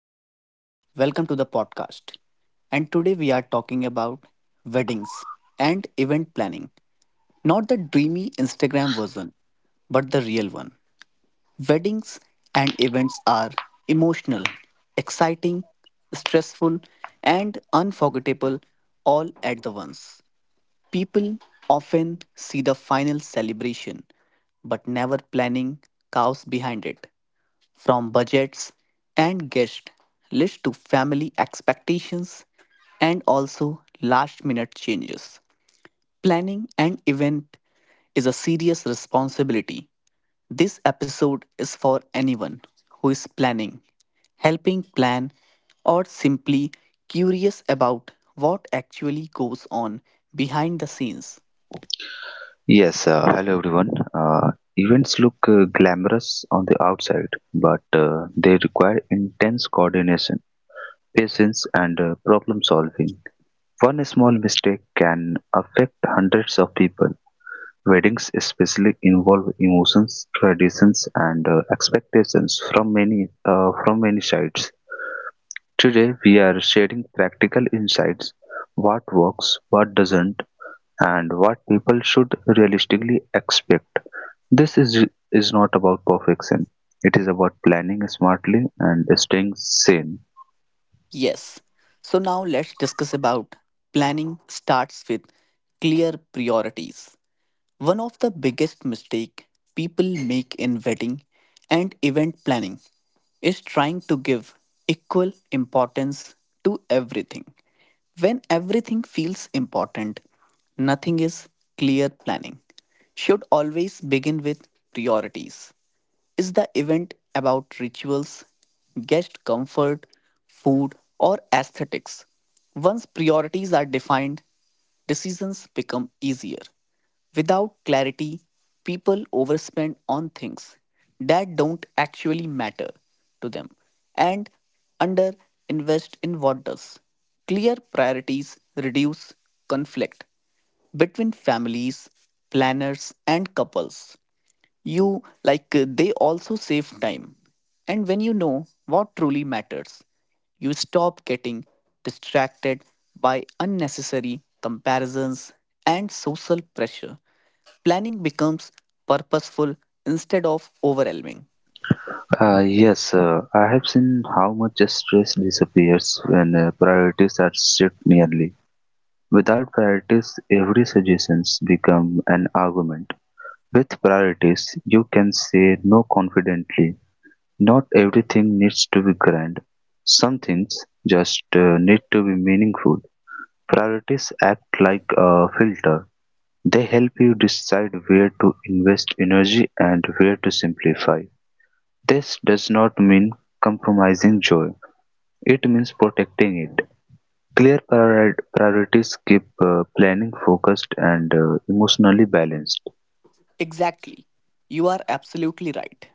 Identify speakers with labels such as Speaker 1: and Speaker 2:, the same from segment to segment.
Speaker 1: everyone. Welcome to the podcast. And today we are talking about weddings and event planning. Not the dreamy Instagram version, but the real one. Weddings and events are emotional, exciting, stressful, and unforgettable all at the once. People often see the final celebration, but never planning chaos behind it. From budgets and guest list to family expectations and also last minute changes. Planning an event is a serious responsibility. This episode is for anyone who is planning, helping plan, or simply curious about what actually goes on behind the scenes.
Speaker 2: Yes, Hello everyone. Events look glamorous on the outside, but they require intense coordination, patience, and problem solving. One small mistake can affect hundreds of people. Weddings especially involve emotions, traditions, and expectations from many from many sides. Today, we are sharing practical insights: what works, what doesn't, and what people should realistically expect. This is not about perfection, it is about planning smartly and staying sane.
Speaker 1: Yes, so now let's discuss about planning starts with clear priorities. One of the biggest mistake people make in wedding and event planning is trying to give equal importance to everything. When everything feels important, nothing is clear planning. Should always begin with priorities. Is the event about rituals, guest comfort, food, or aesthetics? Once priorities are defined, decisions become easier. Without clarity, people overspend on things that don't actually matter to them and underinvest in what does. Clear priorities reduce conflict between families, planners, and couples. You like they also save time. And when you know what truly matters, you stop getting distracted by unnecessary comparisons and social pressure. Planning becomes purposeful instead of overwhelming.
Speaker 2: Yes, I have seen how much stress disappears when priorities are set nearly. Without priorities, every suggestions become an argument. With priorities, you can say no confidently. Not everything needs to be grand. Some things just need to be meaningful. Priorities act like a filter; they help you decide where to invest energy and where to simplify. This does not mean compromising joy, it means protecting it. Clear priorities keep planning focused and emotionally balanced.
Speaker 1: Exactly. You are absolutely right.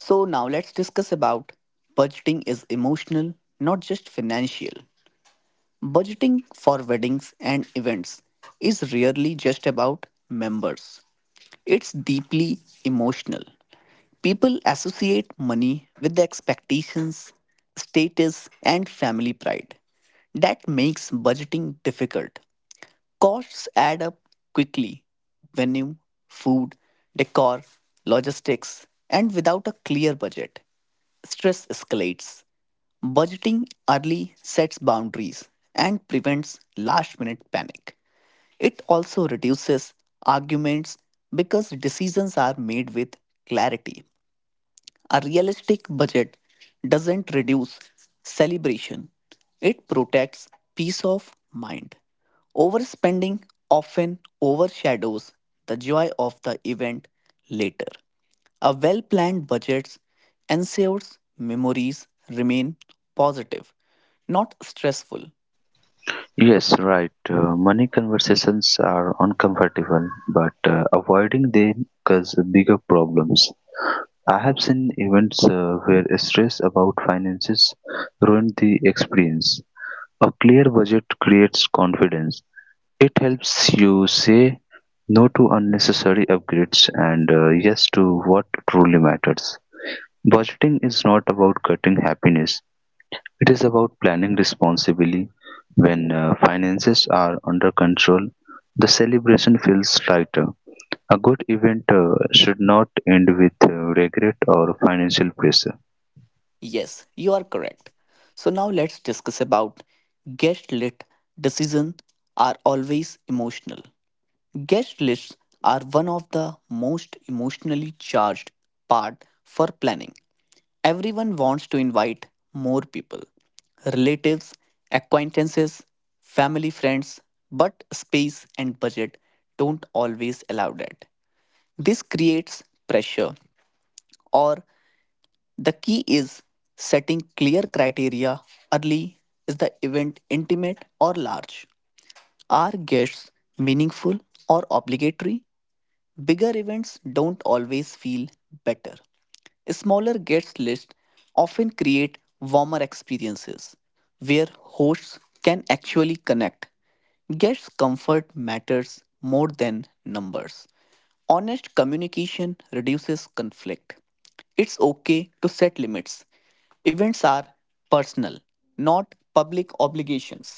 Speaker 1: So now let's discuss about budgeting is emotional, not just financial. Budgeting for weddings and events is rarely just about members. It's deeply emotional. People associate money with the expectations, status, and family pride. That makes budgeting difficult. Costs add up quickly venue, food, decor, logistics, and without a clear budget. Stress escalates. Budgeting early sets boundaries and prevents last minute panic. It also reduces arguments because decisions are made with clarity. A realistic budget doesn't reduce celebration, it protects peace of mind. Overspending often overshadows the joy of the event later. A well planned budget ensures memories remain positive, not stressful.
Speaker 2: Yes, right. Money conversations are uncomfortable, but avoiding them causes bigger problems. I have seen events where stress about finances ruined the experience. A clear budget creates confidence. It helps you say no to unnecessary upgrades and yes to what truly matters. Budgeting is not about cutting happiness, it is about planning responsibly. When finances are under control, the celebration feels lighter. A good event should not end with regret or financial pressure.
Speaker 1: Yes, you are correct. So now let's discuss about guest lit decisions are always emotional. Guest lists are one of the most emotionally charged part for planning. Everyone wants to invite more people, relatives, acquaintances, family friends, but space and budget don't always allow that. This creates pressure, or the key is setting clear criteria early. Is the event intimate or large? Are guests meaningful or obligatory? Bigger events don't always feel better. Smaller guest lists often create warmer experiences where hosts can actually connect. Guest comfort matters more than numbers. Honest communication reduces conflict. It's okay to set limits. Events are personal, not public obligations.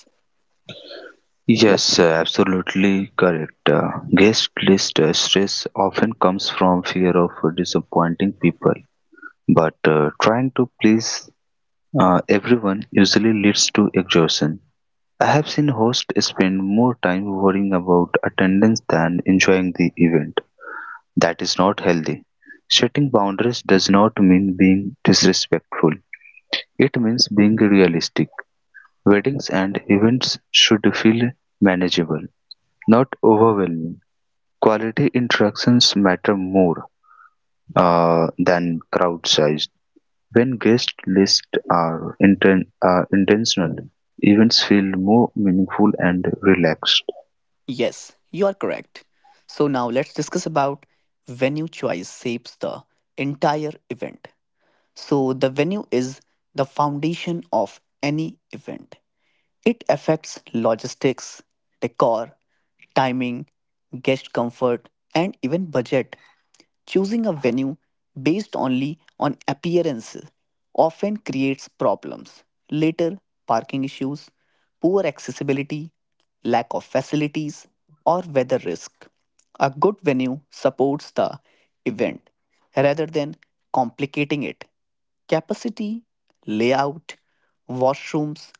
Speaker 2: Yes, Absolutely correct. Guest list stress often comes from fear of disappointing people, but trying to please everyone usually leads to exhaustion. I have seen hosts spend more time worrying about attendance than enjoying the event. That is not healthy. Setting boundaries does not mean being disrespectful. It means being realistic. Weddings and events should feel manageable, not overwhelming. Quality interactions matter more than crowd size. When guest lists are intentional, events feel more meaningful and relaxed.
Speaker 1: Yes, you are correct. So now let's discuss about venue choice shapes the entire event. So, the venue is the foundation of any event. It affects logistics, decor, timing, guest comfort, and even budget. Choosing a venue based only on appearance often creates problems. Later, parking issues, poor accessibility, lack of facilities, or weather risk. A good venue supports the event rather than complicating it. Capacity, layout, washrooms,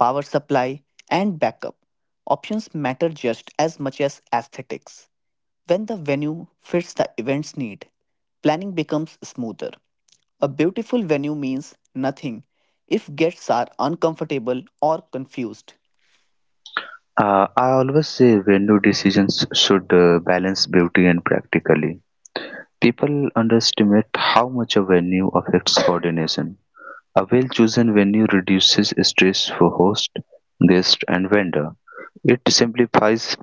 Speaker 1: power supply, and backup options matter just as much as aesthetics. When the venue fits the event's need, planning becomes smoother. A beautiful venue means nothing if guests are uncomfortable or confused.
Speaker 2: I always say venue decisions should balance beauty and practically. People underestimate how much a venue affects coordination. A well chosen venue reduces stress for host, guest, and vendor. It simplifies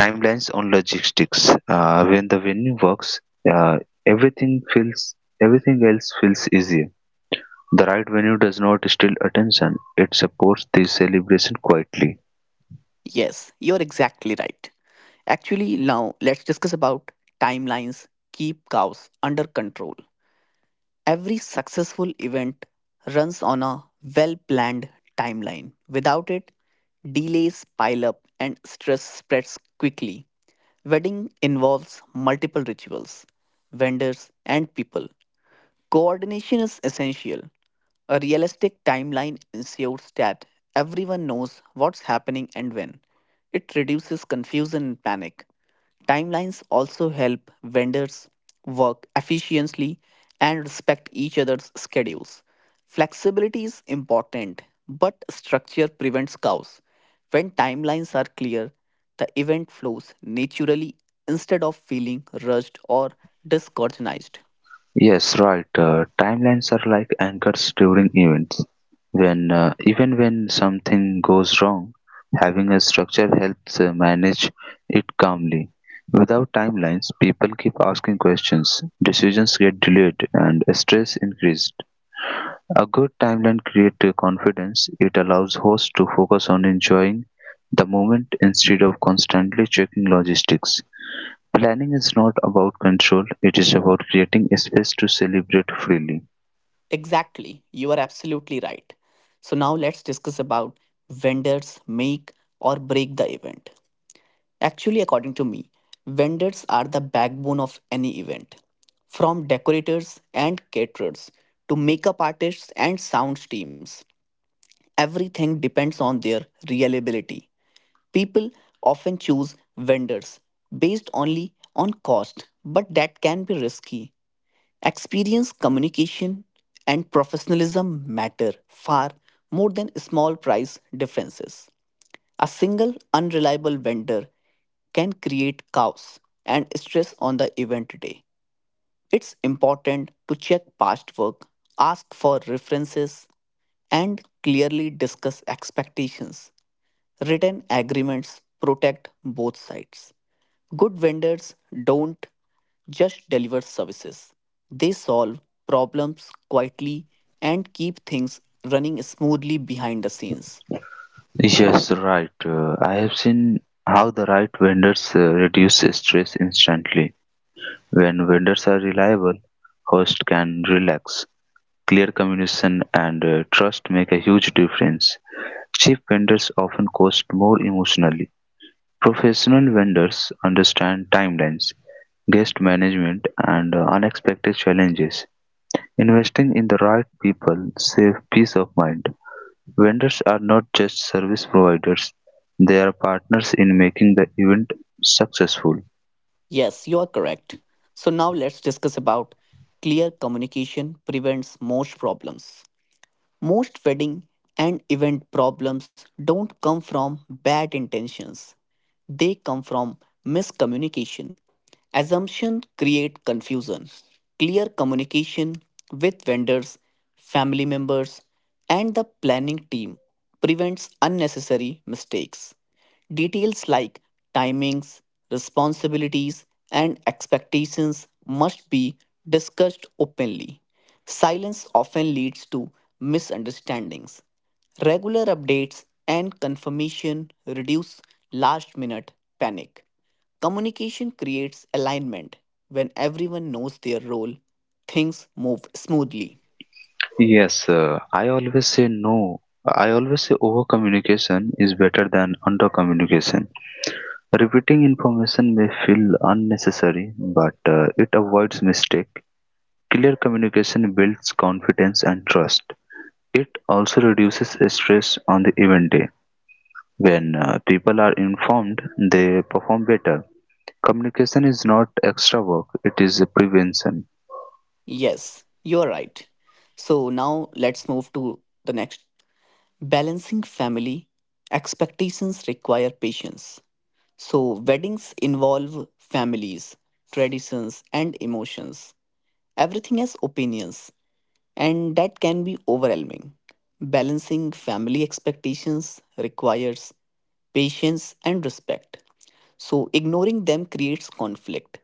Speaker 2: timelines on logistics. When the venue works, uh, everything feels everything else feels easier. The right venue does not steal attention; it supports the celebration quietly.
Speaker 1: Yes, you're exactly right. Actually, now let's discuss about timelines keep cows under control. Every successful event runs on a well planned timeline. Without it, delays pile up and stress spreads quickly. Wedding involves multiple rituals, vendors, and people. Coordination is essential. A realistic timeline ensures that everyone knows what's happening and when. It reduces confusion and panic. Timelines also help vendors work efficiently and respect each other's schedules. Flexibility is important, but structure prevents chaos. When timelines are clear, the event flows naturally instead of feeling rushed or disorganized.
Speaker 2: Yes, right. Timelines are like anchors during events. When even when something goes wrong, having a structure helps manage it calmly. Without timelines, people keep asking questions, decisions get delayed, and stress increases. A good timeline creates confidence; it allows hosts to focus on enjoying the moment instead of constantly checking logistics. Planning is not about control, it is about creating a space to celebrate freely.
Speaker 1: Exactly, you are absolutely right. So now let's discuss about vendors make or break the event. Actually, according to me, vendors are the backbone of any event. From decorators and caterers to makeup artists and sound teams, everything depends on their reliability. People often choose vendors based only on cost, but that can be risky. Experience, communication, and professionalism matter far more than small price differences. A single unreliable vendor can create chaos and stress on the event day. It's important to check past work, ask for references, and clearly discuss expectations. Written agreements protect both sides. Good vendors don't just deliver services, they solve problems quietly and keep things running smoothly behind the scenes.
Speaker 2: Yes, right. I have seen how the right vendors reduce stress instantly. When vendors are reliable, hosts can relax. Clear communication and trust make a huge difference. Cheap vendors often cost more emotionally. Professional vendors understand timelines, guest management, and unexpected challenges. Investing in the right people saves peace of mind. Vendors are not just service providers, they are partners in making the event successful.
Speaker 1: Yes, you are correct. So now let's discuss about clear communication prevents most problems. Most wedding and event problems don't come from bad intentions. They come from miscommunication. Assumption create confusion. Clear communication with vendors, family members, and the planning team prevents unnecessary mistakes. Details like timings, responsibilities, and expectations must be discussed openly. Silence often leads to misunderstandings. Regular updates and confirmation reduce last minute panic. Communication creates alignment. When everyone knows their role, things move smoothly.
Speaker 2: Yes, I always say no. I always say over communication is better than under communication. Repeating information may feel unnecessary, but it avoids mistake. Clear communication builds confidence and trust. It also reduces stress on the event day. When people are informed, they perform better. Communication is not extra work, it is a prevention.
Speaker 1: Yes, you're right. So now let's move to the next. Balancing family expectations require patience. So, weddings involve families, traditions, and emotions. Everything has opinions, and that can be overwhelming. Balancing family expectations requires patience and respect. So, ignoring them creates conflict,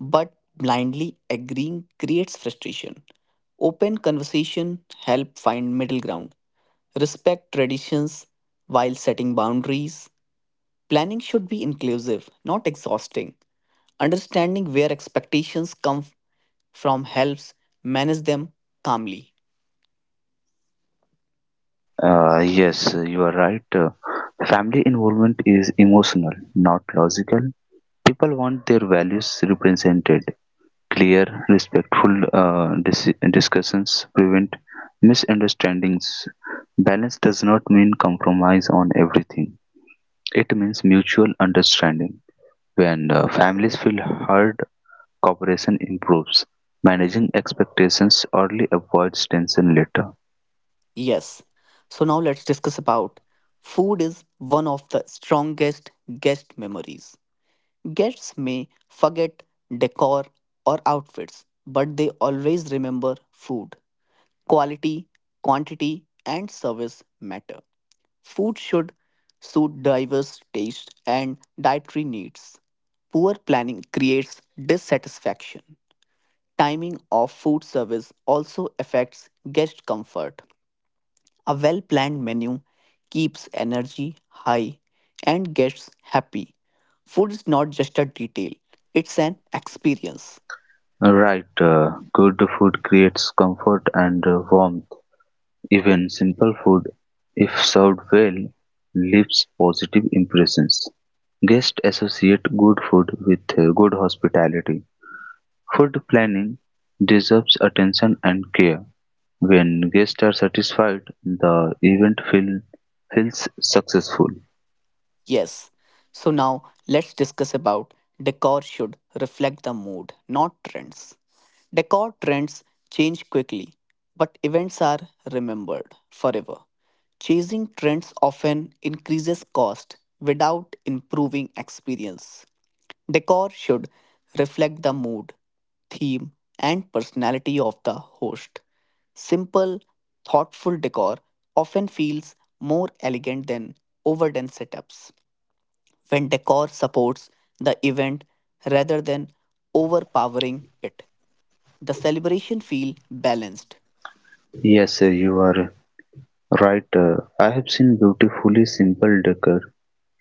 Speaker 1: but blindly agreeing creates frustration. Open conversation help find middle ground. Respect traditions while setting boundaries. Planning should be inclusive, not exhausting. Understanding where expectations come from helps manage them calmly.
Speaker 2: Yes, you are right. Family involvement is emotional, not logical. People want their values represented. Clear, respectful discussions prevent misunderstandings. Balance does not mean compromise on everything, it means mutual understanding. When families feel heard, cooperation improves. Managing expectations early avoids tension later.
Speaker 1: Yes. So now let's discuss about food is one of the strongest guest memories. Guests may forget decor or outfits, but they always remember food. Quality, quantity, and service matter. Food should suit diverse tastes and dietary needs. Poor planning creates dissatisfaction. Timing of food service also affects guest comfort. A well planned menu keeps energy high and guests happy. Food is not just a detail, it's an experience.
Speaker 2: Right, good food creates comfort and warmth. Even simple food, if served well, leaves positive impressions. Guests associate good food with good hospitality. Food planning deserves attention and care. When guests are satisfied, the feels successful.
Speaker 1: Yes. So now let's discuss about decor should reflect the mood, not trends. Decor trends change quickly, but events are remembered forever. Chasing trends often increases cost without improving experience. Decor should reflect the mood, theme, and personality of the host. Simple, thoughtful decor often feels more elegant than overdone setups when decor supports the event rather than overpowering it. The celebration feel balanced.
Speaker 2: Yes, you are right. I have seen beautifully simple decor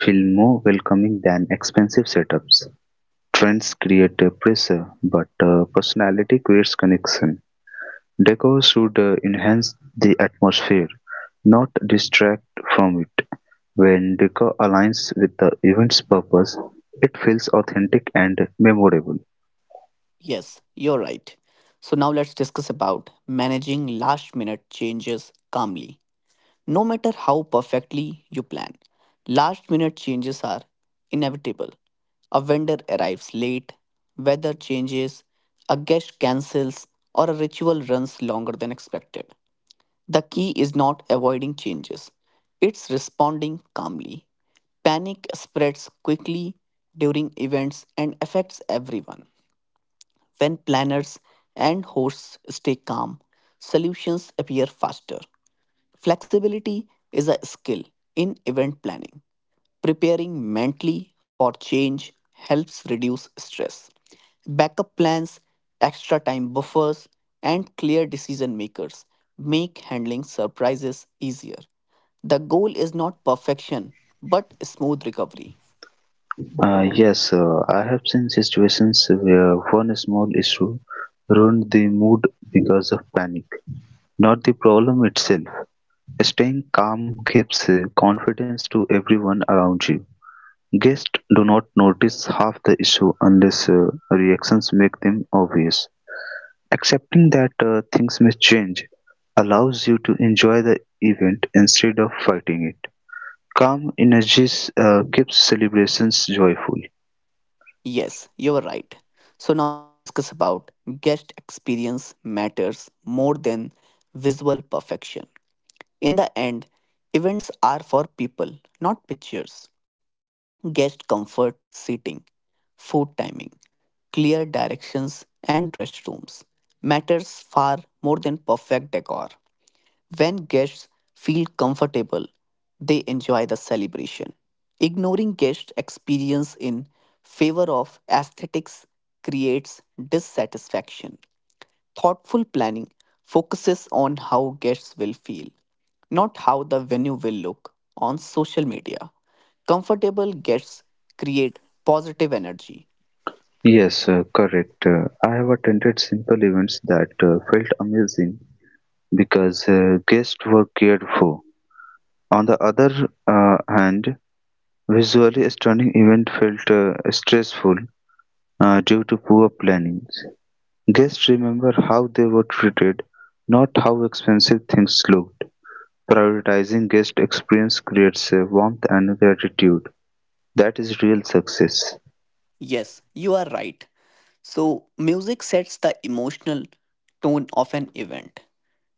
Speaker 2: feel more welcoming than expensive setups. Trends create pressure, but personality creates connection. Decor should enhance the atmosphere, not distract from it. When decor aligns with the event's purpose, it feels authentic and memorable.
Speaker 1: Yes, you're right. So now let's discuss about managing last minute changes calmly. No matter how perfectly you plan, last minute changes are inevitable. A vendor arrives late, weather changes, a guest cancels, or a ritual runs longer than expected. The key is not avoiding changes, it's responding calmly. Panic spreads quickly during events and affects everyone. When planners and hosts stay calm, solutions appear faster. Flexibility is a skill in event planning. Preparing mentally for change helps reduce stress. Backup plans, extra time buffers, and clear decision makers make handling surprises easier. The goal is not perfection, but smooth recovery.
Speaker 2: Yes, I have seen situations where one small issue ruined the mood because of panic, not the problem itself. Staying calm gives confidence to everyone around you. Guests do not notice half the issue unless reactions make them obvious. Accepting that things may change allows you to enjoy the event instead of fighting it. Calm energies keeps celebrations joyful.
Speaker 1: Yes, you're right. So now let's discuss about guest experience matters more than visual perfection. In the end, events are for people, not pictures. Guest comfort, seating, food timing, clear directions, and restrooms matters far more than perfect decor. When guests feel comfortable, they enjoy the celebration. Ignoring guest experience in favor of aesthetics creates dissatisfaction. Thoughtful planning focuses on how guests will feel, not how the venue will look on social media. Comfortable guests create positive energy.
Speaker 2: Yes, Correct. I have attended simple events that felt amazing because guests were cared for. On the other hand, visually stunning event felt stressful due to poor planning. Guests remember how they were treated, not how expensive things looked. Prioritizing guest experience creates a warmth and gratitude. That is real success.
Speaker 1: Yes, you are right. So, music sets the emotional tone of an event,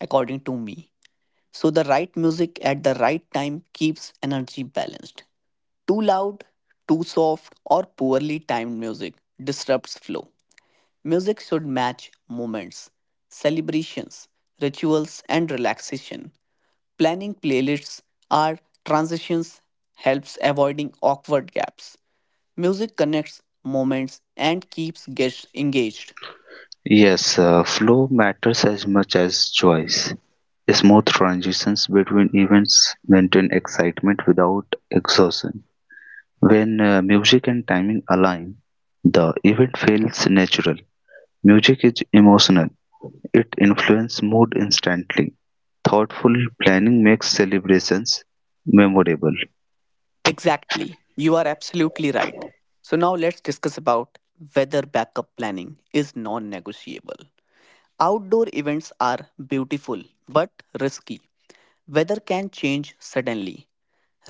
Speaker 1: according to me. So, the right music at the right time keeps energy balanced. Too loud, too soft, or poorly timed music disrupts flow. Music should match moments, celebrations, rituals, and relaxation. Planning playlists or transitions helps avoiding awkward gaps. Music connects moments and keeps guests engaged.
Speaker 2: Yes, Flow matters as much as choice. Smooth transitions between events maintain excitement without exhaustion. When music and timing align, the event feels natural. Music is emotional. It influences mood instantly. Thoughtful planning makes celebrations memorable.
Speaker 1: Exactly. You are absolutely right. So now let's discuss about whether backup planning is non-negotiable. Outdoor events are beautiful but risky. Weather can change suddenly.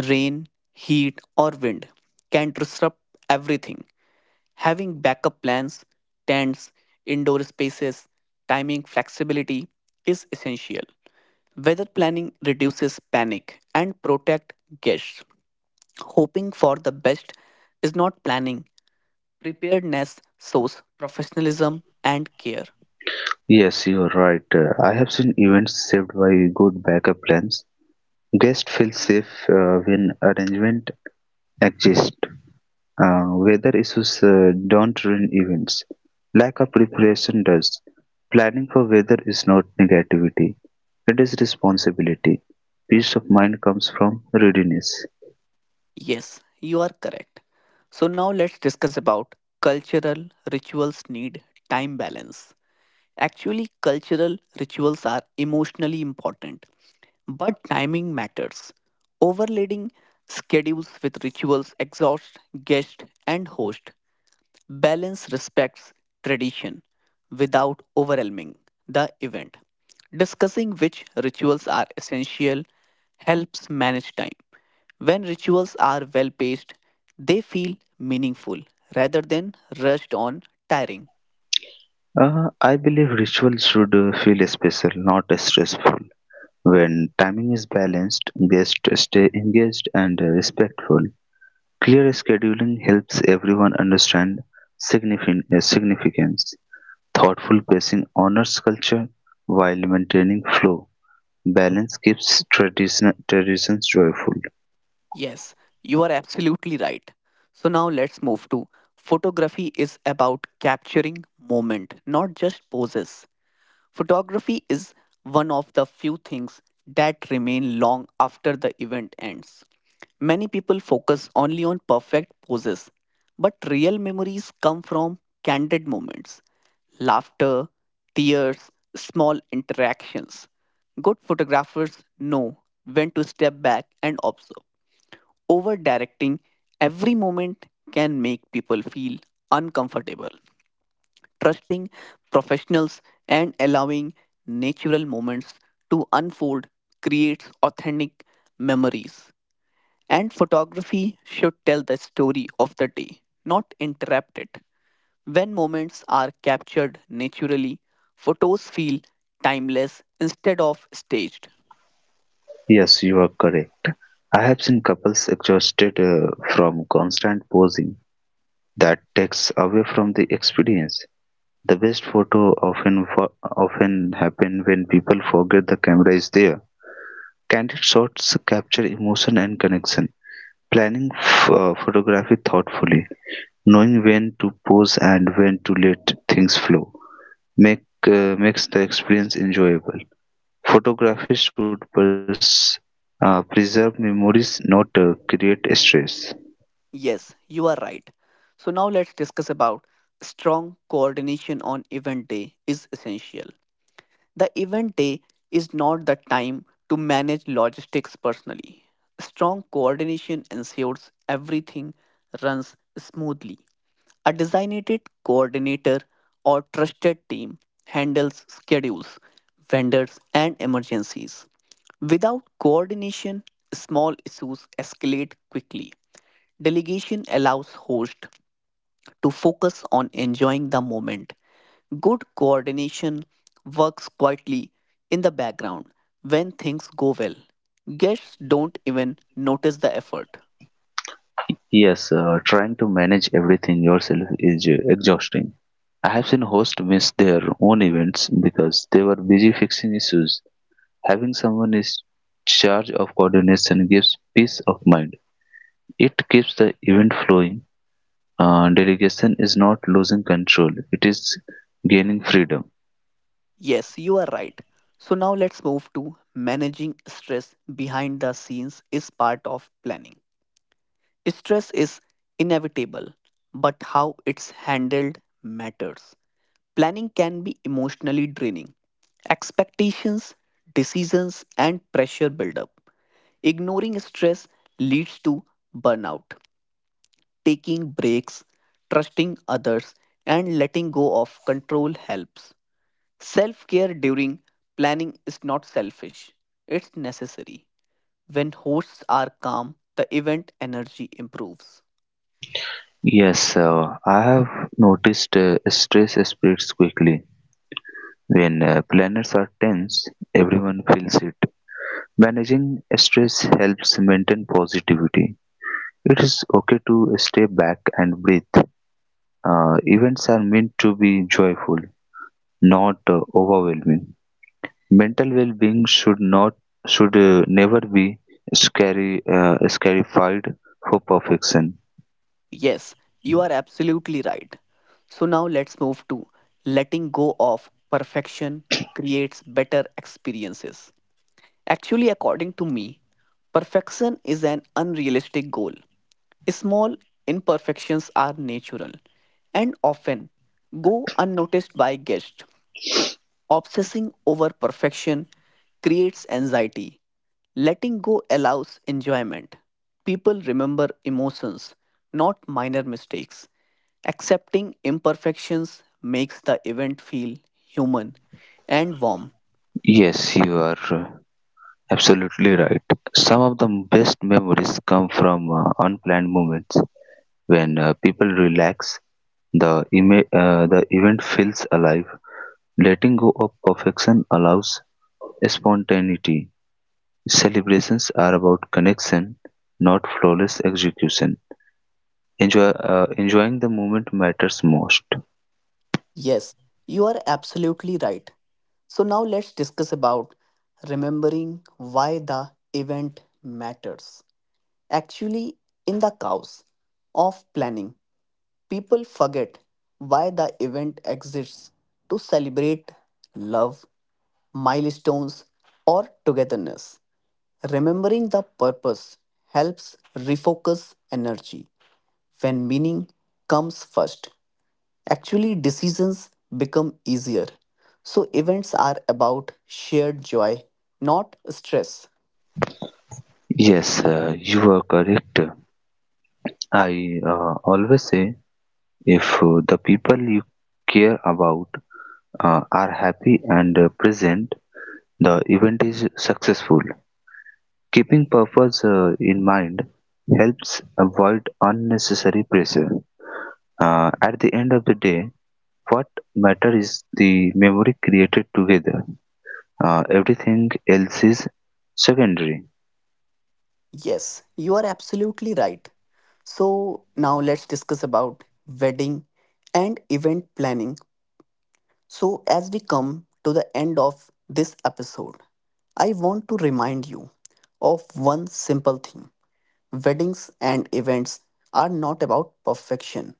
Speaker 1: Rain, heat, or wind can disrupt everything. Having backup plans, tents, indoor spaces, timing flexibility is essential. Weather planning reduces panic and protect guests. Hoping for the best is not planning. Preparedness shows professionalism and care.
Speaker 2: Yes, you're right. I have seen events saved by good backup plans. Guests feel safe when arrangement exist. Weather issues don't ruin events. Lack of preparation does. Planning for weather is not negativity. It is responsibility. Peace of mind comes from readiness.
Speaker 1: Yes, you are correct. So now let's discuss about cultural rituals need time balance. Actually, cultural rituals are emotionally important, but timing matters. Overloading schedules with rituals exhaust guest and host. Balance respects tradition without overwhelming the event. Discussing which rituals are essential helps manage time. When rituals are well paced, they feel meaningful rather than rushed on tiring.
Speaker 2: I believe rituals should feel special, not stressful. When timing is balanced, guests stay engaged and respectful. Clear scheduling helps everyone understand significance. Thoughtful pacing honors culture while maintaining flow. Balance keeps traditions joyful.
Speaker 1: Yes, you are absolutely right. So now let's move to photography is about capturing moment, not just poses. Photography is one of the few things that remain long after the event ends. Many people focus only on perfect poses, but real memories come from candid moments, laughter, tears, small interactions. Good photographers know when to step back and observe. Over directing every moment can make people feel uncomfortable. Trusting professionals and allowing natural moments to unfold creates authentic memories. And photography should tell the story of the day, not interrupt it. When moments are captured naturally, photos feel timeless instead of staged.
Speaker 2: Yes, you are correct. I have seen couples exhausted from constant posing that takes away from the experience. The best photos often happen when people forget the camera is there. Candid shots capture emotion and connection. Planning photography thoughtfully, knowing when to pose and when to let things flow, makes the experience enjoyable. Photography should preserve memories, not create stress.
Speaker 1: Yes, you are right. So now let's discuss about strong coordination on event day is essential. The event day is not the time to manage logistics personally. Strong coordination ensures everything runs smoothly. A designated coordinator or trusted team handles schedules, vendors, and emergencies. Without coordination, small issues escalate quickly. Delegation allows host to focus on enjoying the moment. Good coordination works quietly in the background when things go well. Guests don't even notice the effort.
Speaker 2: Yes, Trying to manage everything yourself is exhausting. I have seen hosts miss their own events because they were busy fixing issues. Having someone in charge of coordination gives peace of mind. It keeps the event flowing. Delegation is not losing control, it is gaining freedom.
Speaker 1: Yes, you are right. So now let's move to managing stress behind the scenes is part of planning. Stress is inevitable, but how it's handled matters. Planning can be emotionally draining. Expectations, decisions, and pressure build up. Ignoring stress leads to burnout. Taking breaks, trusting others, and letting go of control helps. Self care during planning is not selfish, it's necessary. When hosts are calm, the event energy improves.
Speaker 2: Yes, I have noticed stress spreads quickly. When planets are tense, everyone feels it. Managing stress helps maintain positivity. It is okay to step back and breathe. Events are meant to be joyful, not overwhelming. Mental well-being should never be scary scarified for perfection.
Speaker 1: Yes, you are absolutely right. So now let's move to letting go of perfection creates better experiences. Actually, according to me, perfection is an unrealistic goal. Small imperfections are natural and often go unnoticed by guests. Obsessing over perfection creates anxiety. Letting go allows enjoyment. People remember emotions, not minor mistakes. Accepting imperfections makes the event feel human and warm.
Speaker 2: Yes, you are absolutely right. Some of the best memories come from unplanned moments when people relax. The event feels alive. Letting go of perfection allows spontaneity. Celebrations are about connection, not flawless execution. Enjoying the moment matters most.
Speaker 1: Yes, you are absolutely right. So now let's discuss about remembering why the event matters. Actually, in the chaos of planning, people forget why the event exists to celebrate love, milestones, or togetherness. Remembering the purpose helps refocus energy when meaning comes first. Actually, decisions become easier. So, events are about shared joy, not stress.
Speaker 2: Yes, you are correct. I always say if the people you care about are happy and present, the event is successful. Keeping purpose in mind helps avoid unnecessary pressure. At the end of the day, what matters is the memory created together. Everything else is secondary.
Speaker 1: Yes, you are absolutely right. So, now let's discuss about wedding and event planning. So, as we come to the end of this episode, I want to remind you of one simple thing. Weddings and events are not about perfection,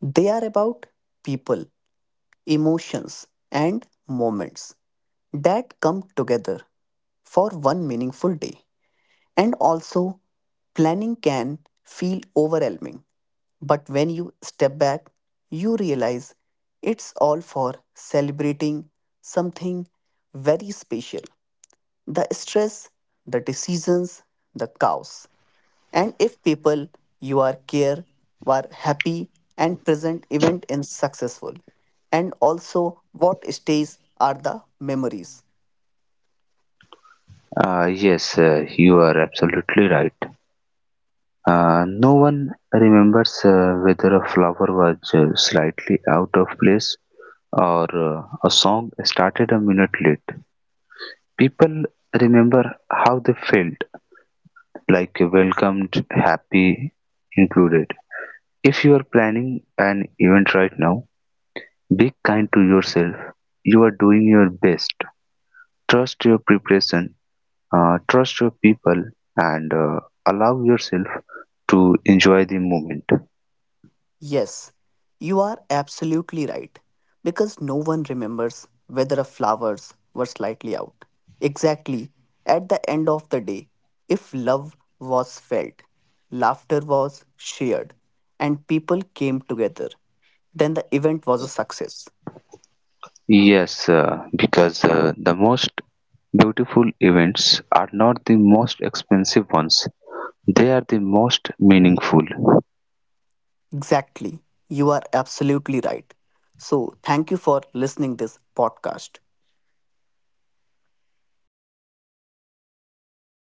Speaker 1: they are about people, emotions, and moments that come together for one meaningful day. And also, planning can feel overwhelming, but when you step back, you realize it's all for celebrating something very special. The stress, the decisions, the chaos, and if people you are care were happy and present, event in successful. And also, what stays are the memories.
Speaker 2: Yes, you are absolutely right. No one remembers whether a flower was slightly out of place or a song started a minute late. People remember how they felt, like welcomed, happy, included. If you are planning an event right now, be kind to yourself. You are doing your best. Trust your preparation, trust your people and allow yourself to enjoy the moment.
Speaker 1: Yes, you are absolutely right, because no one remembers whether a flowers were slightly out. Exactly. At the end of the day, if love was felt, laughter was shared, and people came together, then the event was a success.
Speaker 2: Yes, because the most beautiful events are not the most expensive ones, they are the most meaningful.
Speaker 1: Exactly. You are absolutely right. So, thank you for listening this podcast.